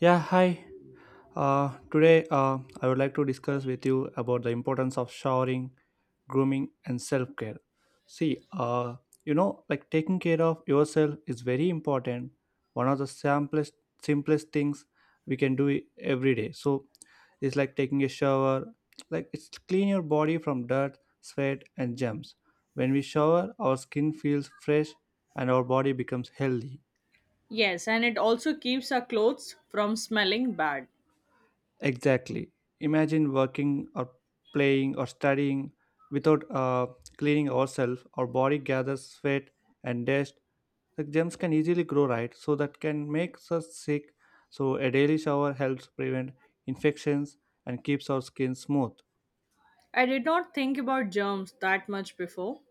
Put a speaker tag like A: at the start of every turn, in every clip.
A: Yeah, hi. Today, I would like to discuss with you about the importance of showering, grooming, and self care. See, uh, like taking care of yourself is very important. One of the simplest things we can do every day. So, it's like taking a shower. Like it's clean your body from dirt, sweat, and germs. When we shower, our skin feels fresh and our body becomes healthy.
B: Yes, and it also keeps our clothes from smelling bad.
A: Exactly. Imagine working or playing or studying without cleaning ourselves. Our body gathers sweat and dust. The germs can easily grow, right? So that can make us sick. So a daily shower helps prevent infections and keeps our skin smooth.
B: I did not think about germs that much before,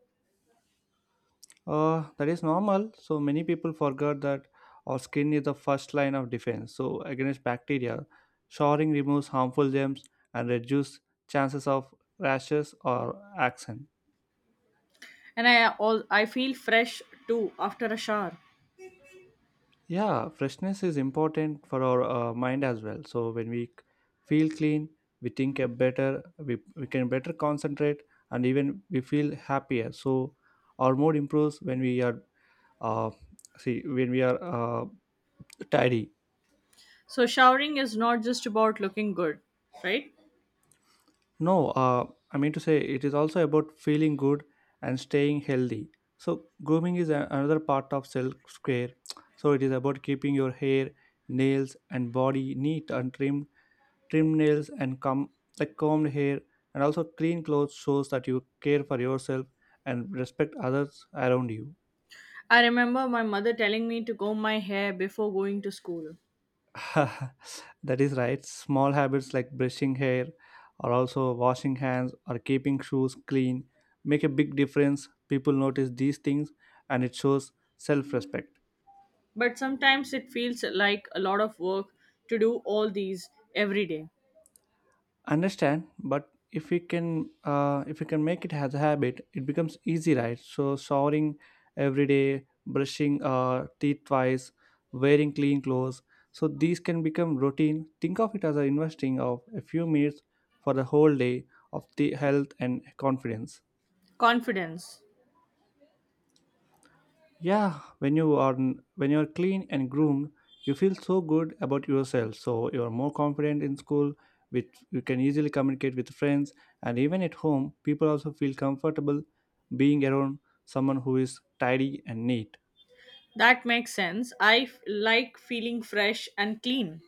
A: That is normal. So many people forget that our skin is the first line of defense. So against bacteria, showering removes harmful germs and reduces chances of rashes or accidents.
B: and I all I feel fresh too after a shower.
A: Yeah, freshness is important for our mind as well. So when feel clean, we think better, we can better concentrate, and even we feel happier. So our mood improves when uh, when we are tidy.
B: So showering is not just about looking good, right?
A: No, I mean to say it is also about feeling good and staying healthy. So grooming is another part of self care. So it is about keeping your hair, nails, and body neat and trimmed. Trim nails and com- Like combed hair and also clean clothes shows that you care for yourself and respect others around you.
B: I remember my mother telling me to comb my hair before going to school.
A: That is right. Small habits like brushing hair or also washing hands or keeping shoes clean make a big difference. People notice these things, and it shows self-respect.
B: But sometimes it feels like a lot of work to do all these every day.
A: Understand, but if we can make it as a habit it becomes easy, right? So showering every day, brushing teeth twice, wearing clean clothes, so these can become routine. Think of it as a investing of a few minutes for the whole day, of the health and confidence.
B: Confidence.
A: Yeah, when you are clean and groomed, you feel so good about yourself. So you are more confident in school, which you can easily communicate with friends, and even at home, people also feel comfortable being around someone who is tidy and neat.
B: That makes sense. Like feeling fresh and clean.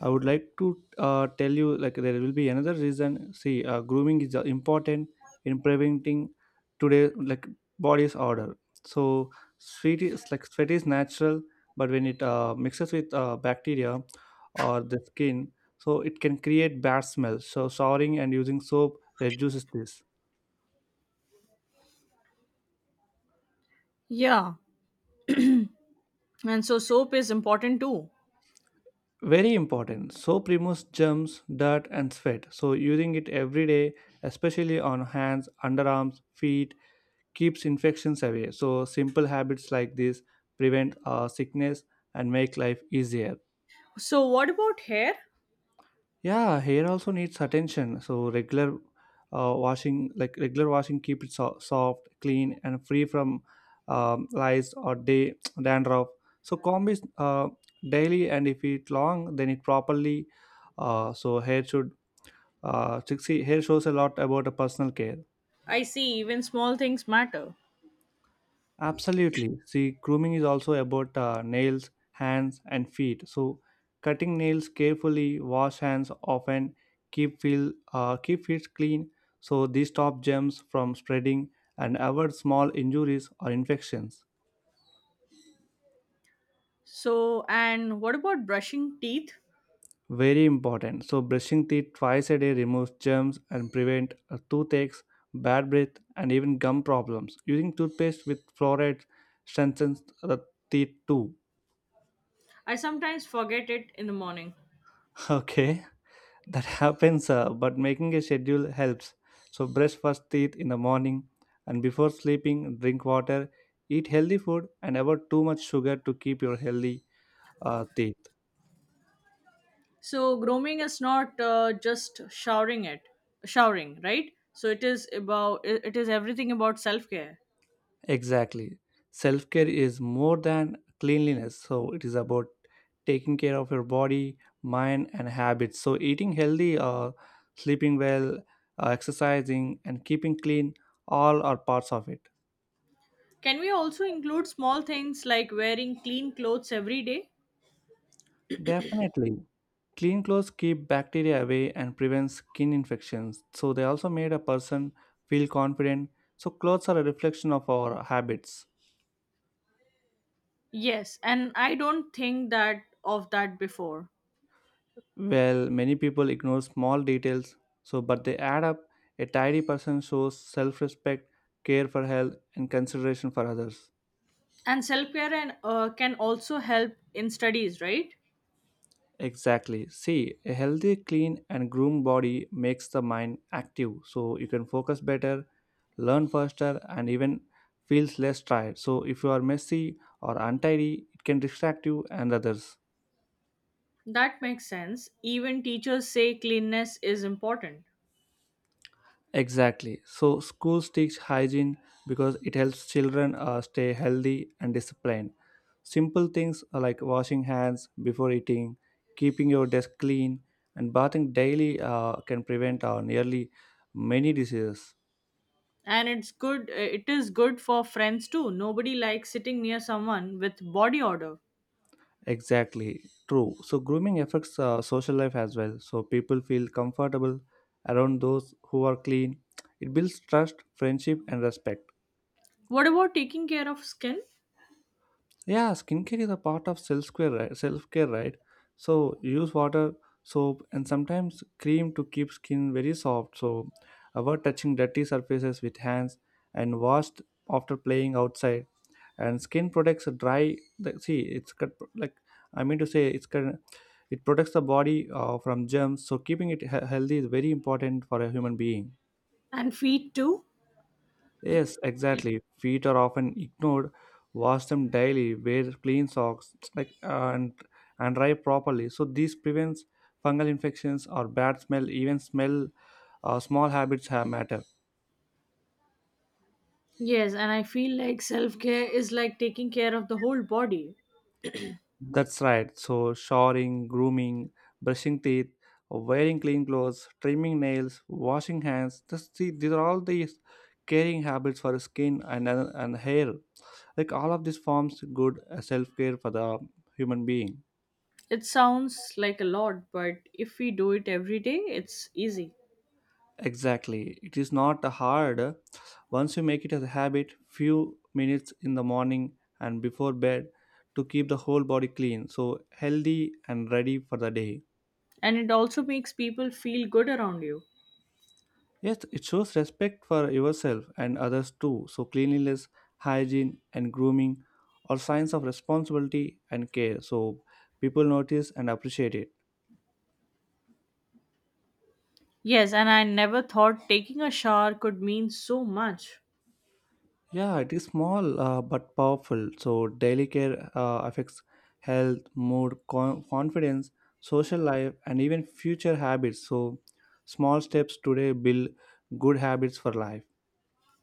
A: I would like to tell you like there will be another reason. See, grooming is important in preventing today like body's odor. So sweat is natural, but when it mixes with bacteria or the skin, so it can create bad smell. So showering and using soap reduces this.
B: Yeah. And so soap is important too.
A: Very important. Soap removes germs, dirt, and sweat. So using it every day, especially on hands, underarms, feet keeps infections away. So simple habits like this prevent sickness and make life easier.
B: So what about hair?
A: Yeah, hair also needs attention. So regular washing, keep it soft, clean, and free from lice or day dandruff. So comb is daily, and if it long, then it properly. So hair should. See, hair shows a lot about a personal care.
B: I see, even small things matter.
A: Absolutely. See, grooming is also about nails, hands, and feet. So, cutting nails carefully, wash hands often, keep feet clean. So these stop germs from spreading and avoid small injuries or infections.
B: So and what about brushing teeth?
A: Very important. So brushing teeth twice a day removes germs and prevent toothaches, bad breath, and even gum problems. Using toothpaste with fluoride strengthens the teeth too.
B: I sometimes forget it in the morning.
A: Okay. That happens, but making a schedule helps. So brush first teeth in the morning and before sleeping, drink water, eat healthy food, and avoid too much sugar to keep your healthy teeth.
B: So grooming is not just showering, right? So it is everything about self-care.
A: Exactly. Self-care is more than cleanliness, so it is about taking care of your body, mind, and habits. So eating healthy, sleeping well, exercising, and keeping clean, all are parts of it.
B: Can we also include small things like wearing clean clothes every day?
A: Definitely. Clean clothes keep bacteria away and prevent skin infections. So they also made a person feel confident. So clothes are a reflection of our habits.
B: Yes, and I don't think that of that before.
A: Well, many people ignore small details, so but they add up. A tidy person shows self-respect, care for health, and consideration for others.
B: And self-care and can also help in studies, right?
A: Exactly. See, a healthy, clean, and groomed body makes the mind active, so you can focus better, learn faster, and even feels less tired. So, if you are messy or untidy, it can distract you and others.
B: That makes sense, even teachers say cleanness is important.
A: Exactly. So, schools teach hygiene because it helps children stay healthy and disciplined. Simple things are like washing hands before eating, keeping your desk clean, and bathing daily can prevent nearly many diseases.
B: And it's good it is good for friends too, nobody likes sitting near someone with body odor.
A: Exactly, true. So grooming affects social life as well. So people feel comfortable around those who are clean. It builds trust, friendship, and respect.
B: What about taking care of skin?
A: Yeah, skincare is a part of self care, right? Self care, right? So use water, soap, and sometimes cream to keep skin very soft. So avoid touching dirty surfaces with hands and wash after playing outside. And skin protects dry. See, it's cut- like I mean to say, it's cut- it protects the body from germs. So keeping it healthy is very important for a human being.
B: And feet too.
A: Yes, exactly. Feet are often ignored. Wash them daily. Wear clean socks, and dry properly. So this prevents fungal infections or bad smell. Even smell, small habits have matter.
B: Yes, and I feel like self-care is like taking care of the whole body.
A: That's right. So showering, grooming, brushing teeth, wearing clean clothes, trimming nails, washing hands. Just see, these are all these caring habits for skin and hair. Like all of this forms good self care for the human being.
B: It sounds like a lot, but if we do it every day, it's easy.
A: Exactly. It is not hard. Once you make it as a habit, few minutes in the morning and before bed to keep the whole body clean, so healthy and ready for the day.
B: And it also makes people feel good around you.
A: Yes, it shows respect for yourself and others too. So cleanliness, hygiene, and grooming are signs of responsibility and care. So people notice and appreciate it.
B: Yes, and I never thought taking a shower could mean so much.
A: Yeah, it is small, but powerful. So, daily care affects health, mood, confidence, social life, and even future habits. So, small steps today build good habits for life.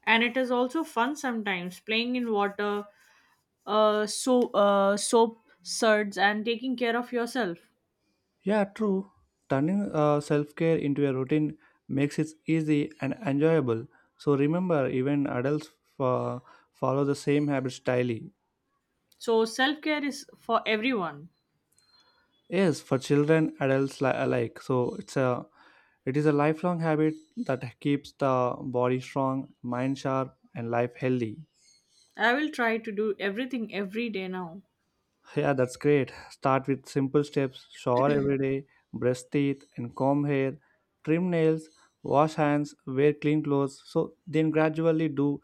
B: And it is also fun sometimes, playing in water, soap suds, and taking care of yourself.
A: Yeah, true. Turning self care into a routine makes it easy and enjoyable. So, remember, even adults uh, follow the same habits daily.
B: So self care is for everyone.
A: Yes, for children, adults alike. So it is a lifelong habit that keeps the body strong, mind sharp, and life healthy.
B: I will try to do everything every day now,
A: Yeah, that's great. Start with simple steps: shower every day, brush teeth, and comb hair, trim nails, wash hands, wear clean clothes. So then gradually do,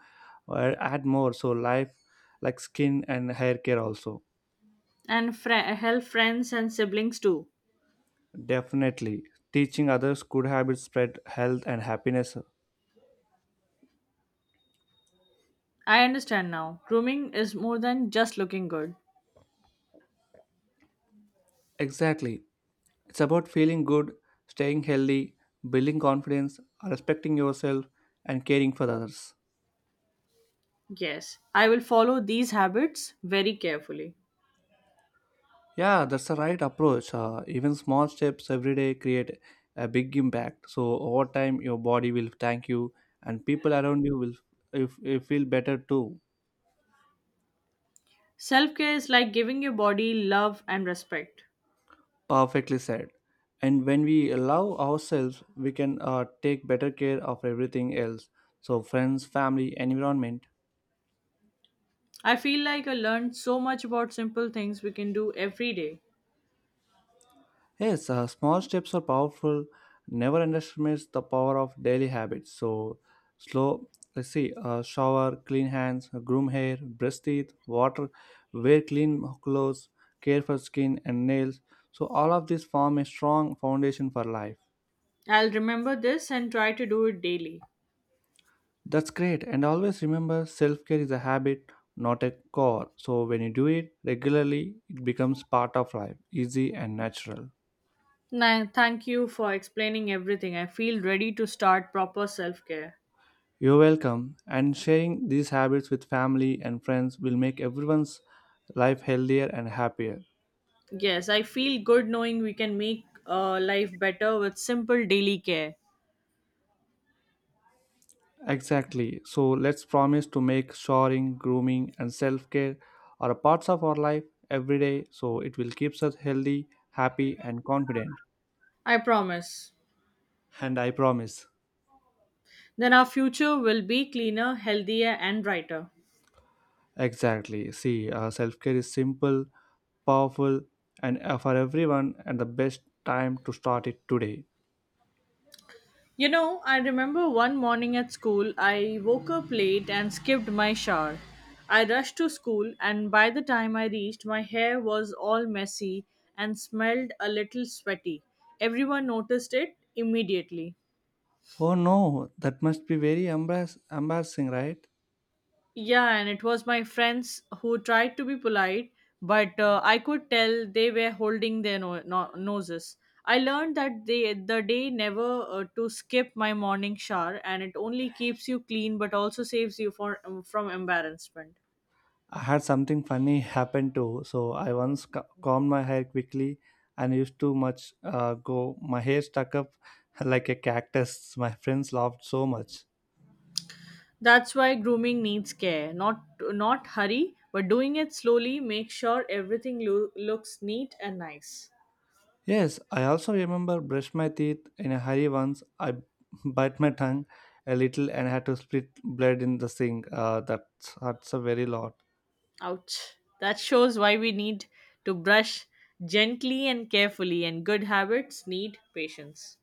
A: add more. So life like skin and hair care also.
B: and help friends and siblings too.
A: Definitely, teaching others good habits spread health and happiness.
B: I understand now. Grooming is more than just looking good.
A: Exactly. It's about feeling good, staying healthy, building confidence, respecting yourself, and caring for others.
B: Yes, I will follow these habits very carefully.
A: Yeah, that's the right approach. Even small steps every day create a big impact. So over time, your body will thank you, and people around you will if feel better too.
B: Self care is like giving your body love and respect.
A: Perfectly said. And when we allow ourselves, we can take better care of everything else. So friends, family, environment.
B: I feel like I learned so much about simple things we can do every day.
A: Yes, small steps are powerful. Never underestimates the power of daily habits. So, slow. Let's see: shower, clean hands, groom hair, brush teeth, water, wear clean clothes, care for skin and nails. So, all of these form a strong foundation for life.
B: I'll remember this and try to do it daily.
A: That's great. And always remember, self-care is a habit, not a core. So, when you do it regularly, it becomes part of life, easy and natural.
B: Thank you for explaining everything. I feel ready to start proper self care.
A: You're welcome. And sharing these habits with family and friends will make everyone's life healthier and happier.
B: Yes, I feel good knowing we can make life better with simple daily care.
A: Exactly. So let's promise to make shoring, grooming, and self care are parts of our life every day, so it will keep us healthy, happy, and confident.
B: I promise.
A: And I promise.
B: Then our future will be cleaner, healthier, and brighter.
A: Exactly. See, self care is simple, powerful, and for everyone, and the best time to start it today.
B: You know, I remember one morning at school, I woke up late and skipped my shower. I rushed to school, and by the time I reached, my hair was all messy and smelled a little sweaty. Everyone noticed it immediately.
A: Oh no, that must be very embarrassing, right?
B: Yeah, and it was my friends who tried to be polite, but I could tell they were holding their noses. I learned that they, the day never to skip my morning shower, and it only keeps you clean but also saves you for, from embarrassment.
A: I had something funny happen too. So I once combed my hair quickly and used too much go. My hair stuck up like a cactus. My friends laughed so much.
B: That's why grooming needs care. Not hurry, but doing it slowly. Make sure everything looks neat and nice.
A: Yes, I also remember brush my teeth in a hurry once. I bite my tongue a little and had to split blood in the sink. That's hurts a very lot.
B: Ouch. That shows why we need to brush gently and carefully, and good habits need patience.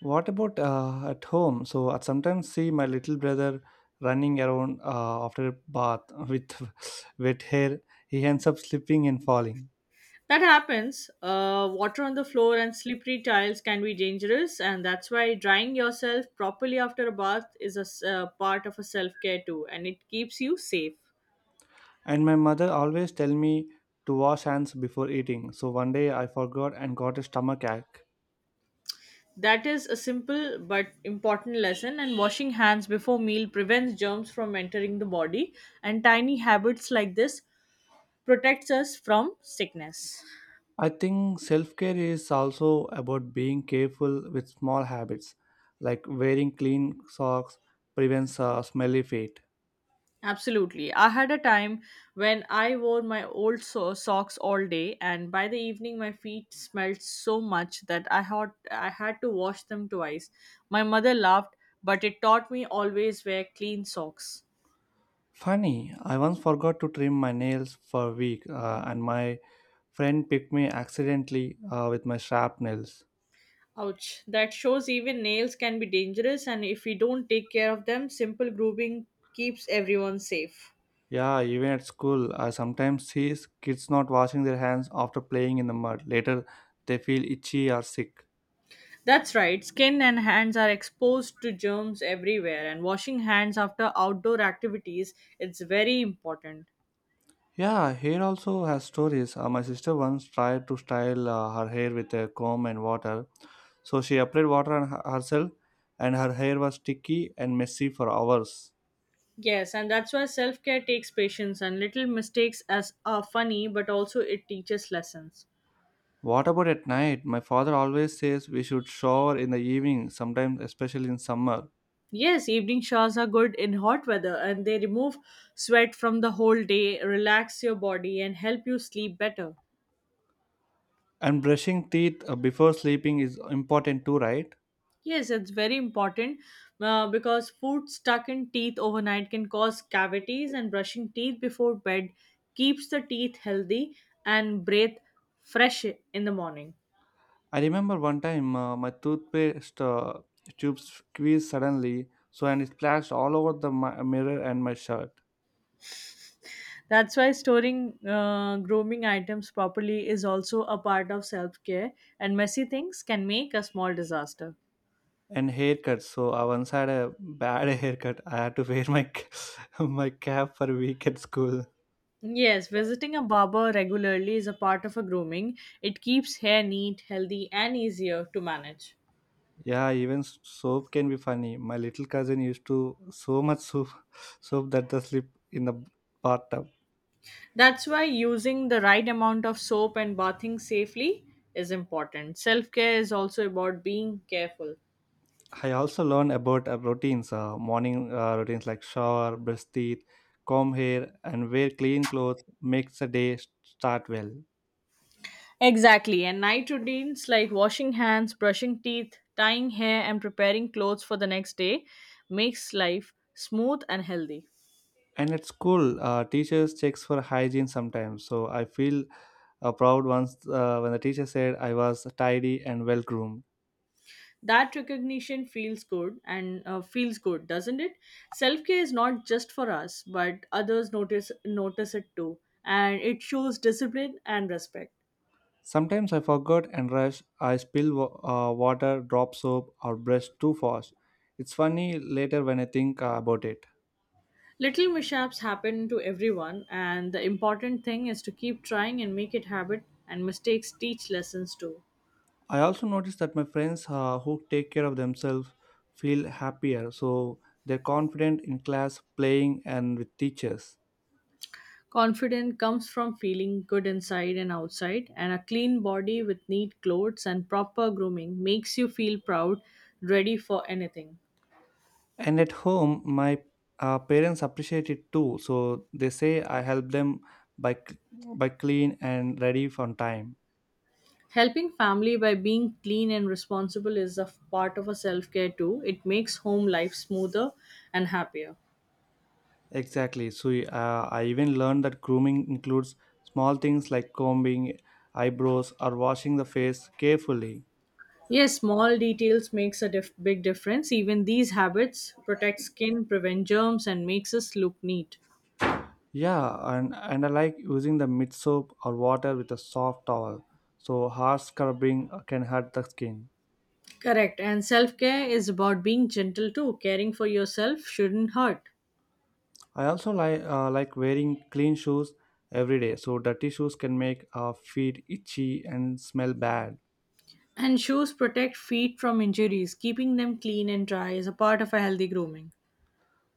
A: What about at home? So I sometimes see my little brother running around after a bath with wet hair. He ends up slipping and falling.
B: That happens. Water on the floor and slippery tiles can be dangerous, and that's why drying yourself properly after a bath is part of a self care too, and it keeps you safe.
A: And my mother always tell me to wash hands before eating. So one day I forgot and got a stomach ache.
B: That is a simple but important lesson, and washing hands before meal prevents germs from entering the body, and tiny habits like this protects us from sickness.
A: I think self-care is also about being careful with small habits, like wearing clean socks prevents smelly feet.
B: Absolutely. I had a time when I wore my old socks all day, and by the evening, my feet smelled so much that I had to wash them twice. My mother laughed, but it taught me always wear clean socks.
A: Funny, I once forgot to trim my nails for a week, and my Friend picked me accidentally with my shrapnels.
B: Ouch. That shows even nails can be dangerous, and if we don't take care of them, simple grooming keeps everyone safe.
A: Yeah, even at school, I sometimes see kids not washing their hands after playing in the mud. Later, they feel itchy or sick.
B: That's right. Skin and hands are exposed to germs everywhere, and washing hands after outdoor activities it's very important.
A: Yeah, hair also has stories. My sister once tried to style her hair with a comb and water. So she applied water on herself, and her hair was sticky and messy for hours.
B: Yes, and that's why self care takes patience, and little mistakes as are funny, but also it teaches lessons.
A: What about at night? My father always says we should shower in the evening, sometimes, especially in summer.
B: Yes, evening showers are good in hot weather and they remove sweat from the whole day, relax your body, and help you sleep better.
A: And brushing teeth before sleeping is important too, right?
B: Yes, it's very important because food stuck in teeth overnight can cause cavities, and brushing teeth before bed keeps the teeth healthy and breathe fresh in the morning.
A: I remember one time my toothpaste tube squeezed suddenly, so and it splashed all over the mirror and my shirt
B: That's why storing grooming items properly is also a part of self care, and messy things can make a small disaster.
A: and haircuts. So I once had a bad haircut. I had to wear my my cap for a week at school.
B: Yes, visiting a barber regularly is a part of a grooming. It keeps hair neat, healthy, and easier to manage.
A: Yeah, even soap can be funny. My little cousin used to so much soap soap that the slip in the bathtub.
B: That's why using the right amount of soap and bathing safely is important. Self care is also about being careful.
A: I also learned about routines, morning routines like shower, brush teeth, comb hair, and wear clean clothes makes a day start well.
B: Exactly, and night routines like washing hands, brushing teeth, tying hair, and preparing clothes for the next day makes life smooth and healthy.
A: And at school, teachers checks for hygiene sometimes. So I feel proud once when the teacher said I was tidy and well groomed.
B: That recognition feels good and doesn't it? Self care is not just for us, but others notice it too, and it shows discipline and respect.
A: Sometimes I forgot and rush. I spill water, drop soap, or brush too fast. It's funny later when I think about it.
B: Little mishaps happen to everyone, and the important thing is to keep trying and make it habit. And mistakes teach lessons too.
A: I also noticed that my friends who take care of themselves feel happier, so they're confident in class, playing, and with teachers.
B: Confidence comes from feeling good inside and outside, and a clean body with neat clothes and proper grooming makes you feel proud, ready for anything.
A: And at home, my parents appreciate it too, so they say I help them by c- by clean and ready on time.
B: Helping family by being clean and responsible is part of a self care too. It makes home life smoother and happier.
A: Exactly. So I even learned that grooming includes small things like combing eyebrows or washing the face carefully.
B: Yes, small details makes big difference. Even these habits protect skin, prevent germs, and makes us look neat.
A: Yeah, and I like using the mid soap or water with a soft towel, so hard scrubbing can hurt the skin.
B: Correct. And self care is about being gentle too. Caring for yourself shouldn't hurt.
A: I also like wearing clean shoes every day, so dirty shoes can make our feet itchy and smell bad.
B: And shoes protect feet from injuries. Keeping them clean and dry is a part of a healthy grooming.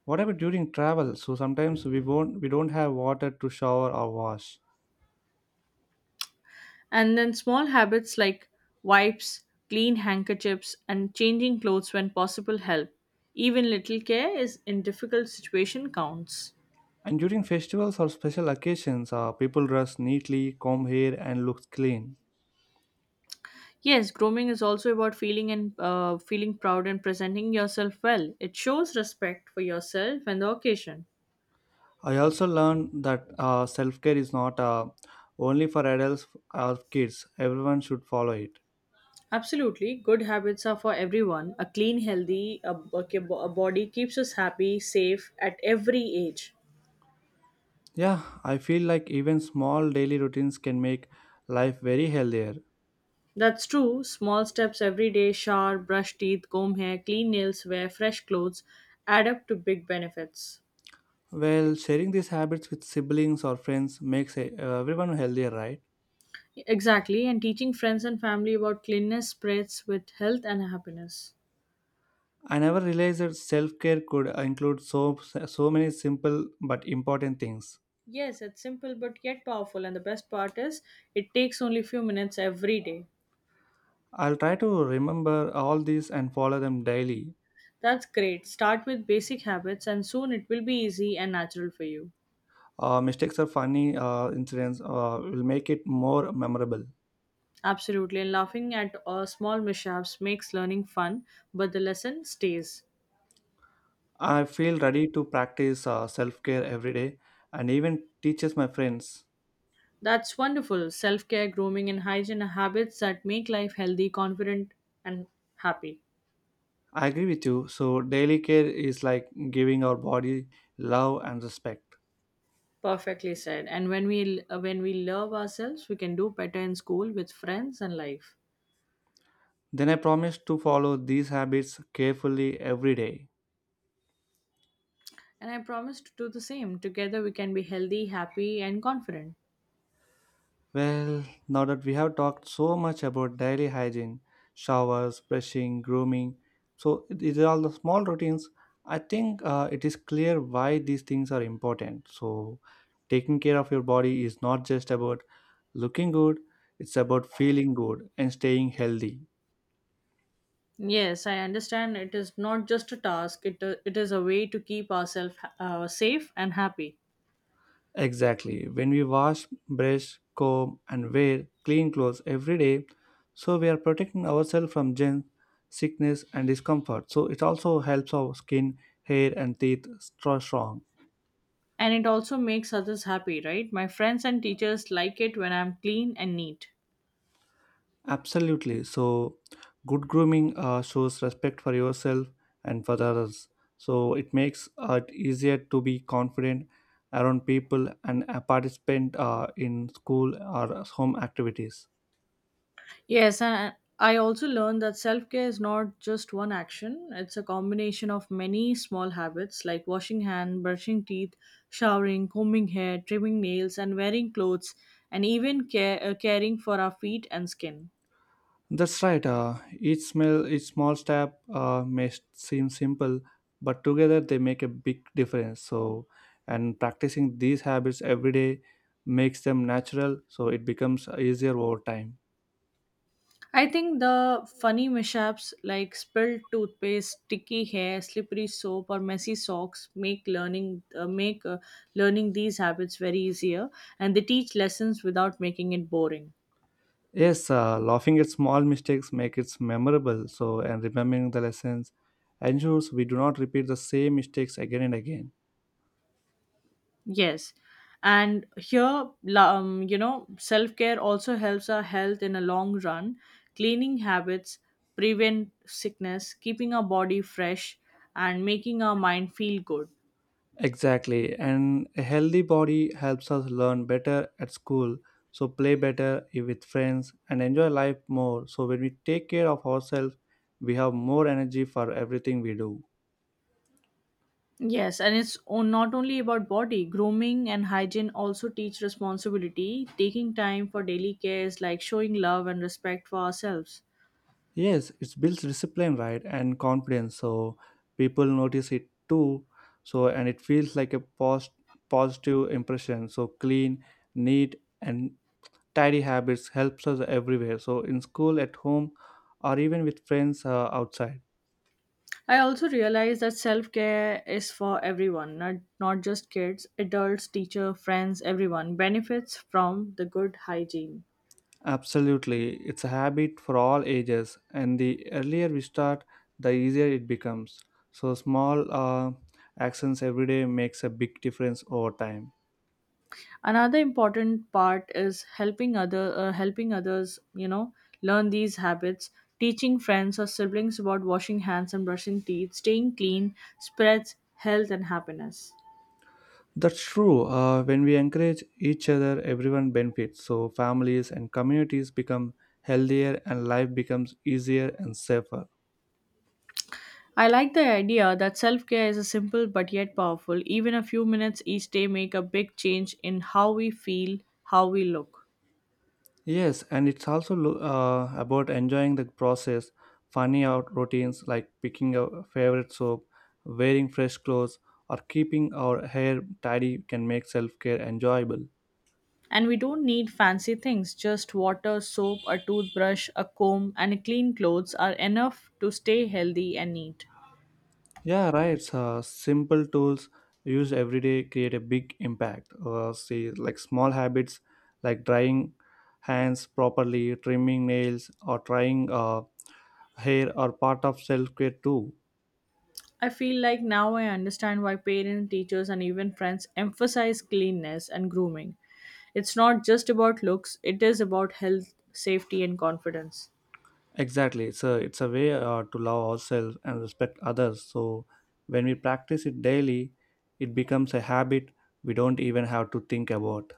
A: What about during travel? So sometimes we don't have water to shower or wash.
B: And then small habits like wipes, clean handkerchiefs, and changing clothes when possible help. Even little care is in difficult situation counts.
A: And during festivals or special occasions, people dress neatly, comb hair, and look clean.
B: Yes, grooming is also about feeling proud and presenting yourself well. It shows respect for yourself and the occasion.
A: I also learned that self care is not only for adults or kids, everyone should follow it.
B: Absolutely. Good habits are for everyone. A clean, healthy a, okay, a body keeps us happy, safe at every age.
A: Yeah, I feel like even small daily routines can make life very healthier.
B: That's true. Small steps every day, shower, brush teeth, comb hair, clean nails, wear fresh clothes, add up to big benefits.
A: Well, sharing these habits with siblings or friends makes everyone healthier, right?
B: Exactly. And teaching friends and family about cleanliness spreads with health and happiness.
A: I never realized that self care could include so many simple but important things.
B: Yes, it's simple but yet powerful. And the best part is, it takes only few minutes every day.
A: I'll try to remember all these and follow them daily.
B: That's great. Start with basic habits, and soon it will be easy and natural for you.
A: Mistakes or funny incidents will make it more memorable.
B: Absolutely, and laughing at small mishaps makes learning fun, but the lesson stays.
A: I feel ready to practice self care every day and even teaches my friends.
B: That's wonderful. Self care, grooming, and hygiene are habits that make life healthy, confident, and happy.
A: I agree with you. So, daily care is like giving our body love and respect.
B: Perfectly said. And when we love ourselves, we can do better in school with friends and life.
A: Then I promise to follow these habits carefully every day.
B: And I promise to do the same. Together, we can be healthy, happy, and confident.
A: Well, now that we have talked so much about daily hygiene, showers, brushing, grooming, so these are all the small routines. I think it is clear why these things are important. So, taking care of your body is not just about looking good, it's about feeling good and staying healthy.
B: Yes, I understand. It is not just a task. It is a way to keep ourselves safe and happy.
A: Exactly. When we wash, brush, comb, and wear clean clothes every day, so we are protecting ourselves from germs, sickness, and discomfort. So it also helps our skin, hair, and teeth stay strong.
B: And it also makes others happy, right? My friends and teachers like it when I'm clean and neat.
A: Absolutely. So, good grooming shows respect for yourself and for the others. So, it makes it easier to be confident around people and a participant in school or home activities.
B: Yes, and I also learned that self care is not just one action, it's a combination of many small habits like washing hands, brushing teeth, showering, combing hair, trimming nails, and wearing clothes, and even caring for our feet and skin.
A: That's right. Each small step may seem simple, but together they make a big difference. So, and practicing these habits every day makes them natural. So, it becomes easier over time.
B: I think the funny mishaps like spilled toothpaste, sticky hair, slippery soap, or messy socks make learning these habits very easier, and they teach lessons without making it boring.
A: Yes, laughing at small mistakes make it memorable. So, and remembering the lessons ensures we do not repeat the same mistakes again and again.
B: Yes, and here, self care also helps our health in a long run. Cleaning habits prevent sickness, keeping our body fresh, and making our mind feel good.
A: Exactly, and a healthy body helps us learn better at school. So, play better with friends and enjoy life more. So, when we take care of ourselves, we have more energy for everything we do.
B: Yes, and it's not only about body. Grooming and hygiene also teach responsibility, taking time for daily cares like showing love and respect for ourselves.
A: Yes, it builds discipline, right, and confidence. So people notice it too. So and it feels like a post positive impression. So clean, neat, and tidy habits helps us everywhere. So in school, at home, or even with friends outside.
B: I also realize that self care is for everyone, not just kids, adults, teacher, friends, everyone benefits from the good hygiene.
A: Absolutely, it's a habit for all ages, and the earlier we start, the easier it becomes. So small actions every day makes a big difference over time.
B: Another important part is helping other helping others, you know, learn these habits, teaching friends or siblings about washing hands and brushing teeth, staying clean spreads health and happiness.
A: That's true. When we encourage each other, everyone benefits. So families and communities become healthier, and life becomes easier and safer.
B: I like the idea that self-care is a simple but yet powerful, even a few minutes each day make a big change in how we feel, how we look.
A: Yes, and it's also about enjoying the process. Funny out routines like picking a favorite soap, wearing fresh clothes, or keeping our hair tidy can make self care enjoyable.
B: And we don't need fancy things, just water, soap, a toothbrush, a comb and clean clothes are enough to stay healthy and neat.
A: Yeah, right. So simple tools used every day create a big impact. See, like small habits like drying hands properly, trimming nails, or trying hair are part of self care too.
B: I feel like now I understand why parents, teachers, and even friends emphasize cleanness and grooming. It's not just about looks, it is about health, safety, and confidence.
A: Exactly. So it's a way to love ourselves and respect others. So when we practice it daily, it becomes a habit we don't even have to think about.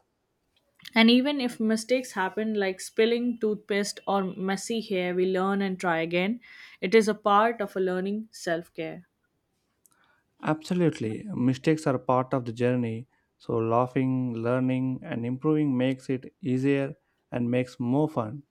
B: And even if mistakes happen, like spilling toothpaste or messy hair, we learn and try again. It is a part of a learning self care.
A: Absolutely. Mistakes are part of the journey. So, laughing, learning, and improving makes it easier and makes more fun.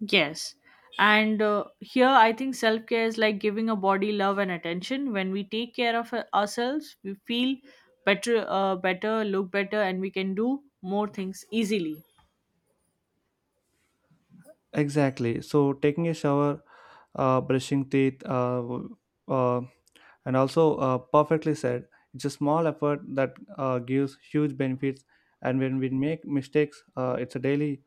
B: Yes. And here, I think self care is like giving a body love and attention. When we take care of ourselves, we feel better, look better, and we can do more things easily.
A: Exactly. So, taking a shower, brushing teeth, uh, and also perfectly said, it's a small effort that gives huge benefits. And when we make mistakes, it's a daily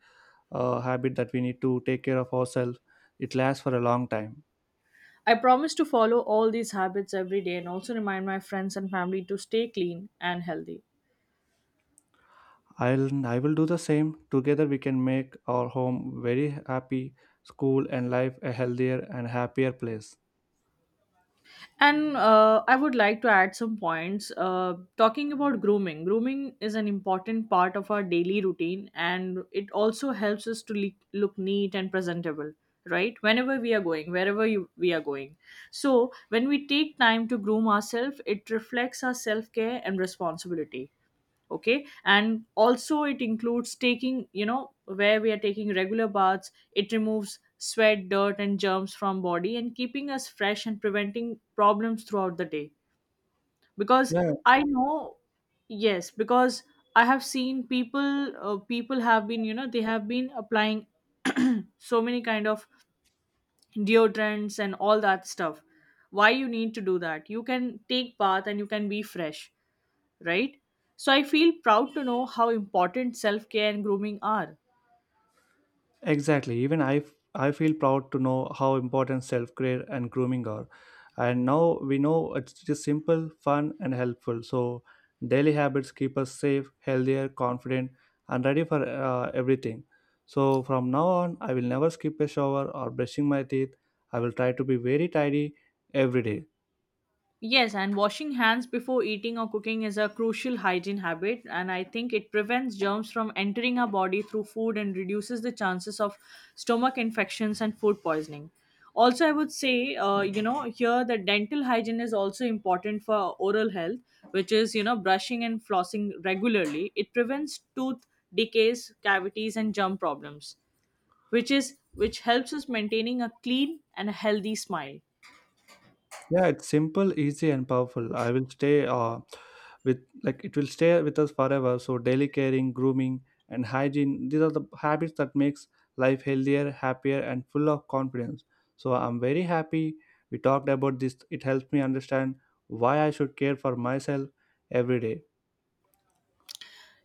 A: habit that we need to take care of ourselves. It lasts for a long time.
B: I promise to follow all these habits every day and also remind my friends and family to stay clean and healthy.
A: I will do the same. Together we can make our home very happy, school and life a healthier and happier place.
B: And I would like to add some points. Talking about grooming is an important part of our daily routine and it also helps us to look neat and presentable, right? Whenever we are going, we are going. So, when we take time to groom ourselves, it reflects our self care and responsibility. Okay, and also it includes taking, you know, where we are taking regular baths, it removes sweat, dirt and germs from body, and keeping us fresh and preventing problems throughout the day. Because
A: Yeah,
B: I know, yes, because I have seen people have been, you know, they have been applying so many kind of deodorants and all that stuff. Why you need to do that? You can take bath and you can be fresh, right? So I feel proud to know how important self care and grooming are.
A: exactly. Even I feel proud to know how important self-care and grooming are. And now we know it's just simple, fun and helpful. So daily habits keep us safe, healthier, confident and ready for everything. So from now on I will never skip a shower or brushing my teeth. I will try to be very tidy every day.
B: Yes, and washing hands before eating or cooking is a crucial hygiene habit, and I think it prevents germs from entering our body through food and reduces the chances of stomach infections and food poisoning. Also, I would say, you know, here the dental hygiene is also important for oral health, which is, you know, brushing and flossing regularly. It prevents tooth decays, cavities, and germ problems, which is which helps us maintaining a clean and a healthy smile.
A: Yeah, it's simple, easy, and powerful. I will stay with like it will stay with us forever. So daily caring, grooming, and hygiene these are the habits that makes life healthier, happier, and full of confidence. So I'm very happy we talked about this. It helps me understand why I should care for myself every day.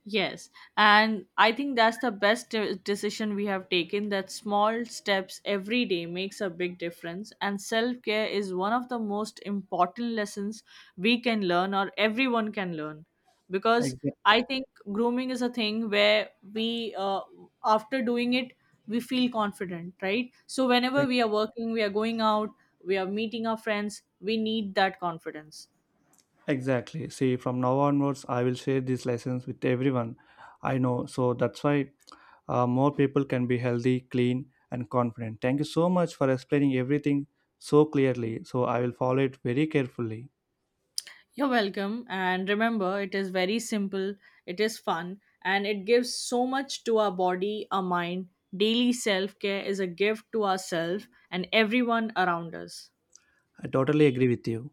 B: Yes, and I think that's the best decision we have taken, that small steps every day makes a big difference, and self care is one of the most important lessons we can learn, or everyone can learn. Because
A: Exactly.
B: I think grooming is a thing where we, uh, after doing it we feel confident, right? So whenever we are working, we are going out, we are meeting our friends, we need that confidence.
A: Exactly. See, from now onwards, I will share these lessons with everyone I know. So that's why more people can be healthy, clean, and confident. Thank you so much for explaining everything so clearly. So I will follow it very carefully.
B: You're welcome. And remember, it is very simple, it is fun, and it gives so much to our body, our mind. Daily self care is a gift to ourselves and everyone around us.
A: I totally agree with you.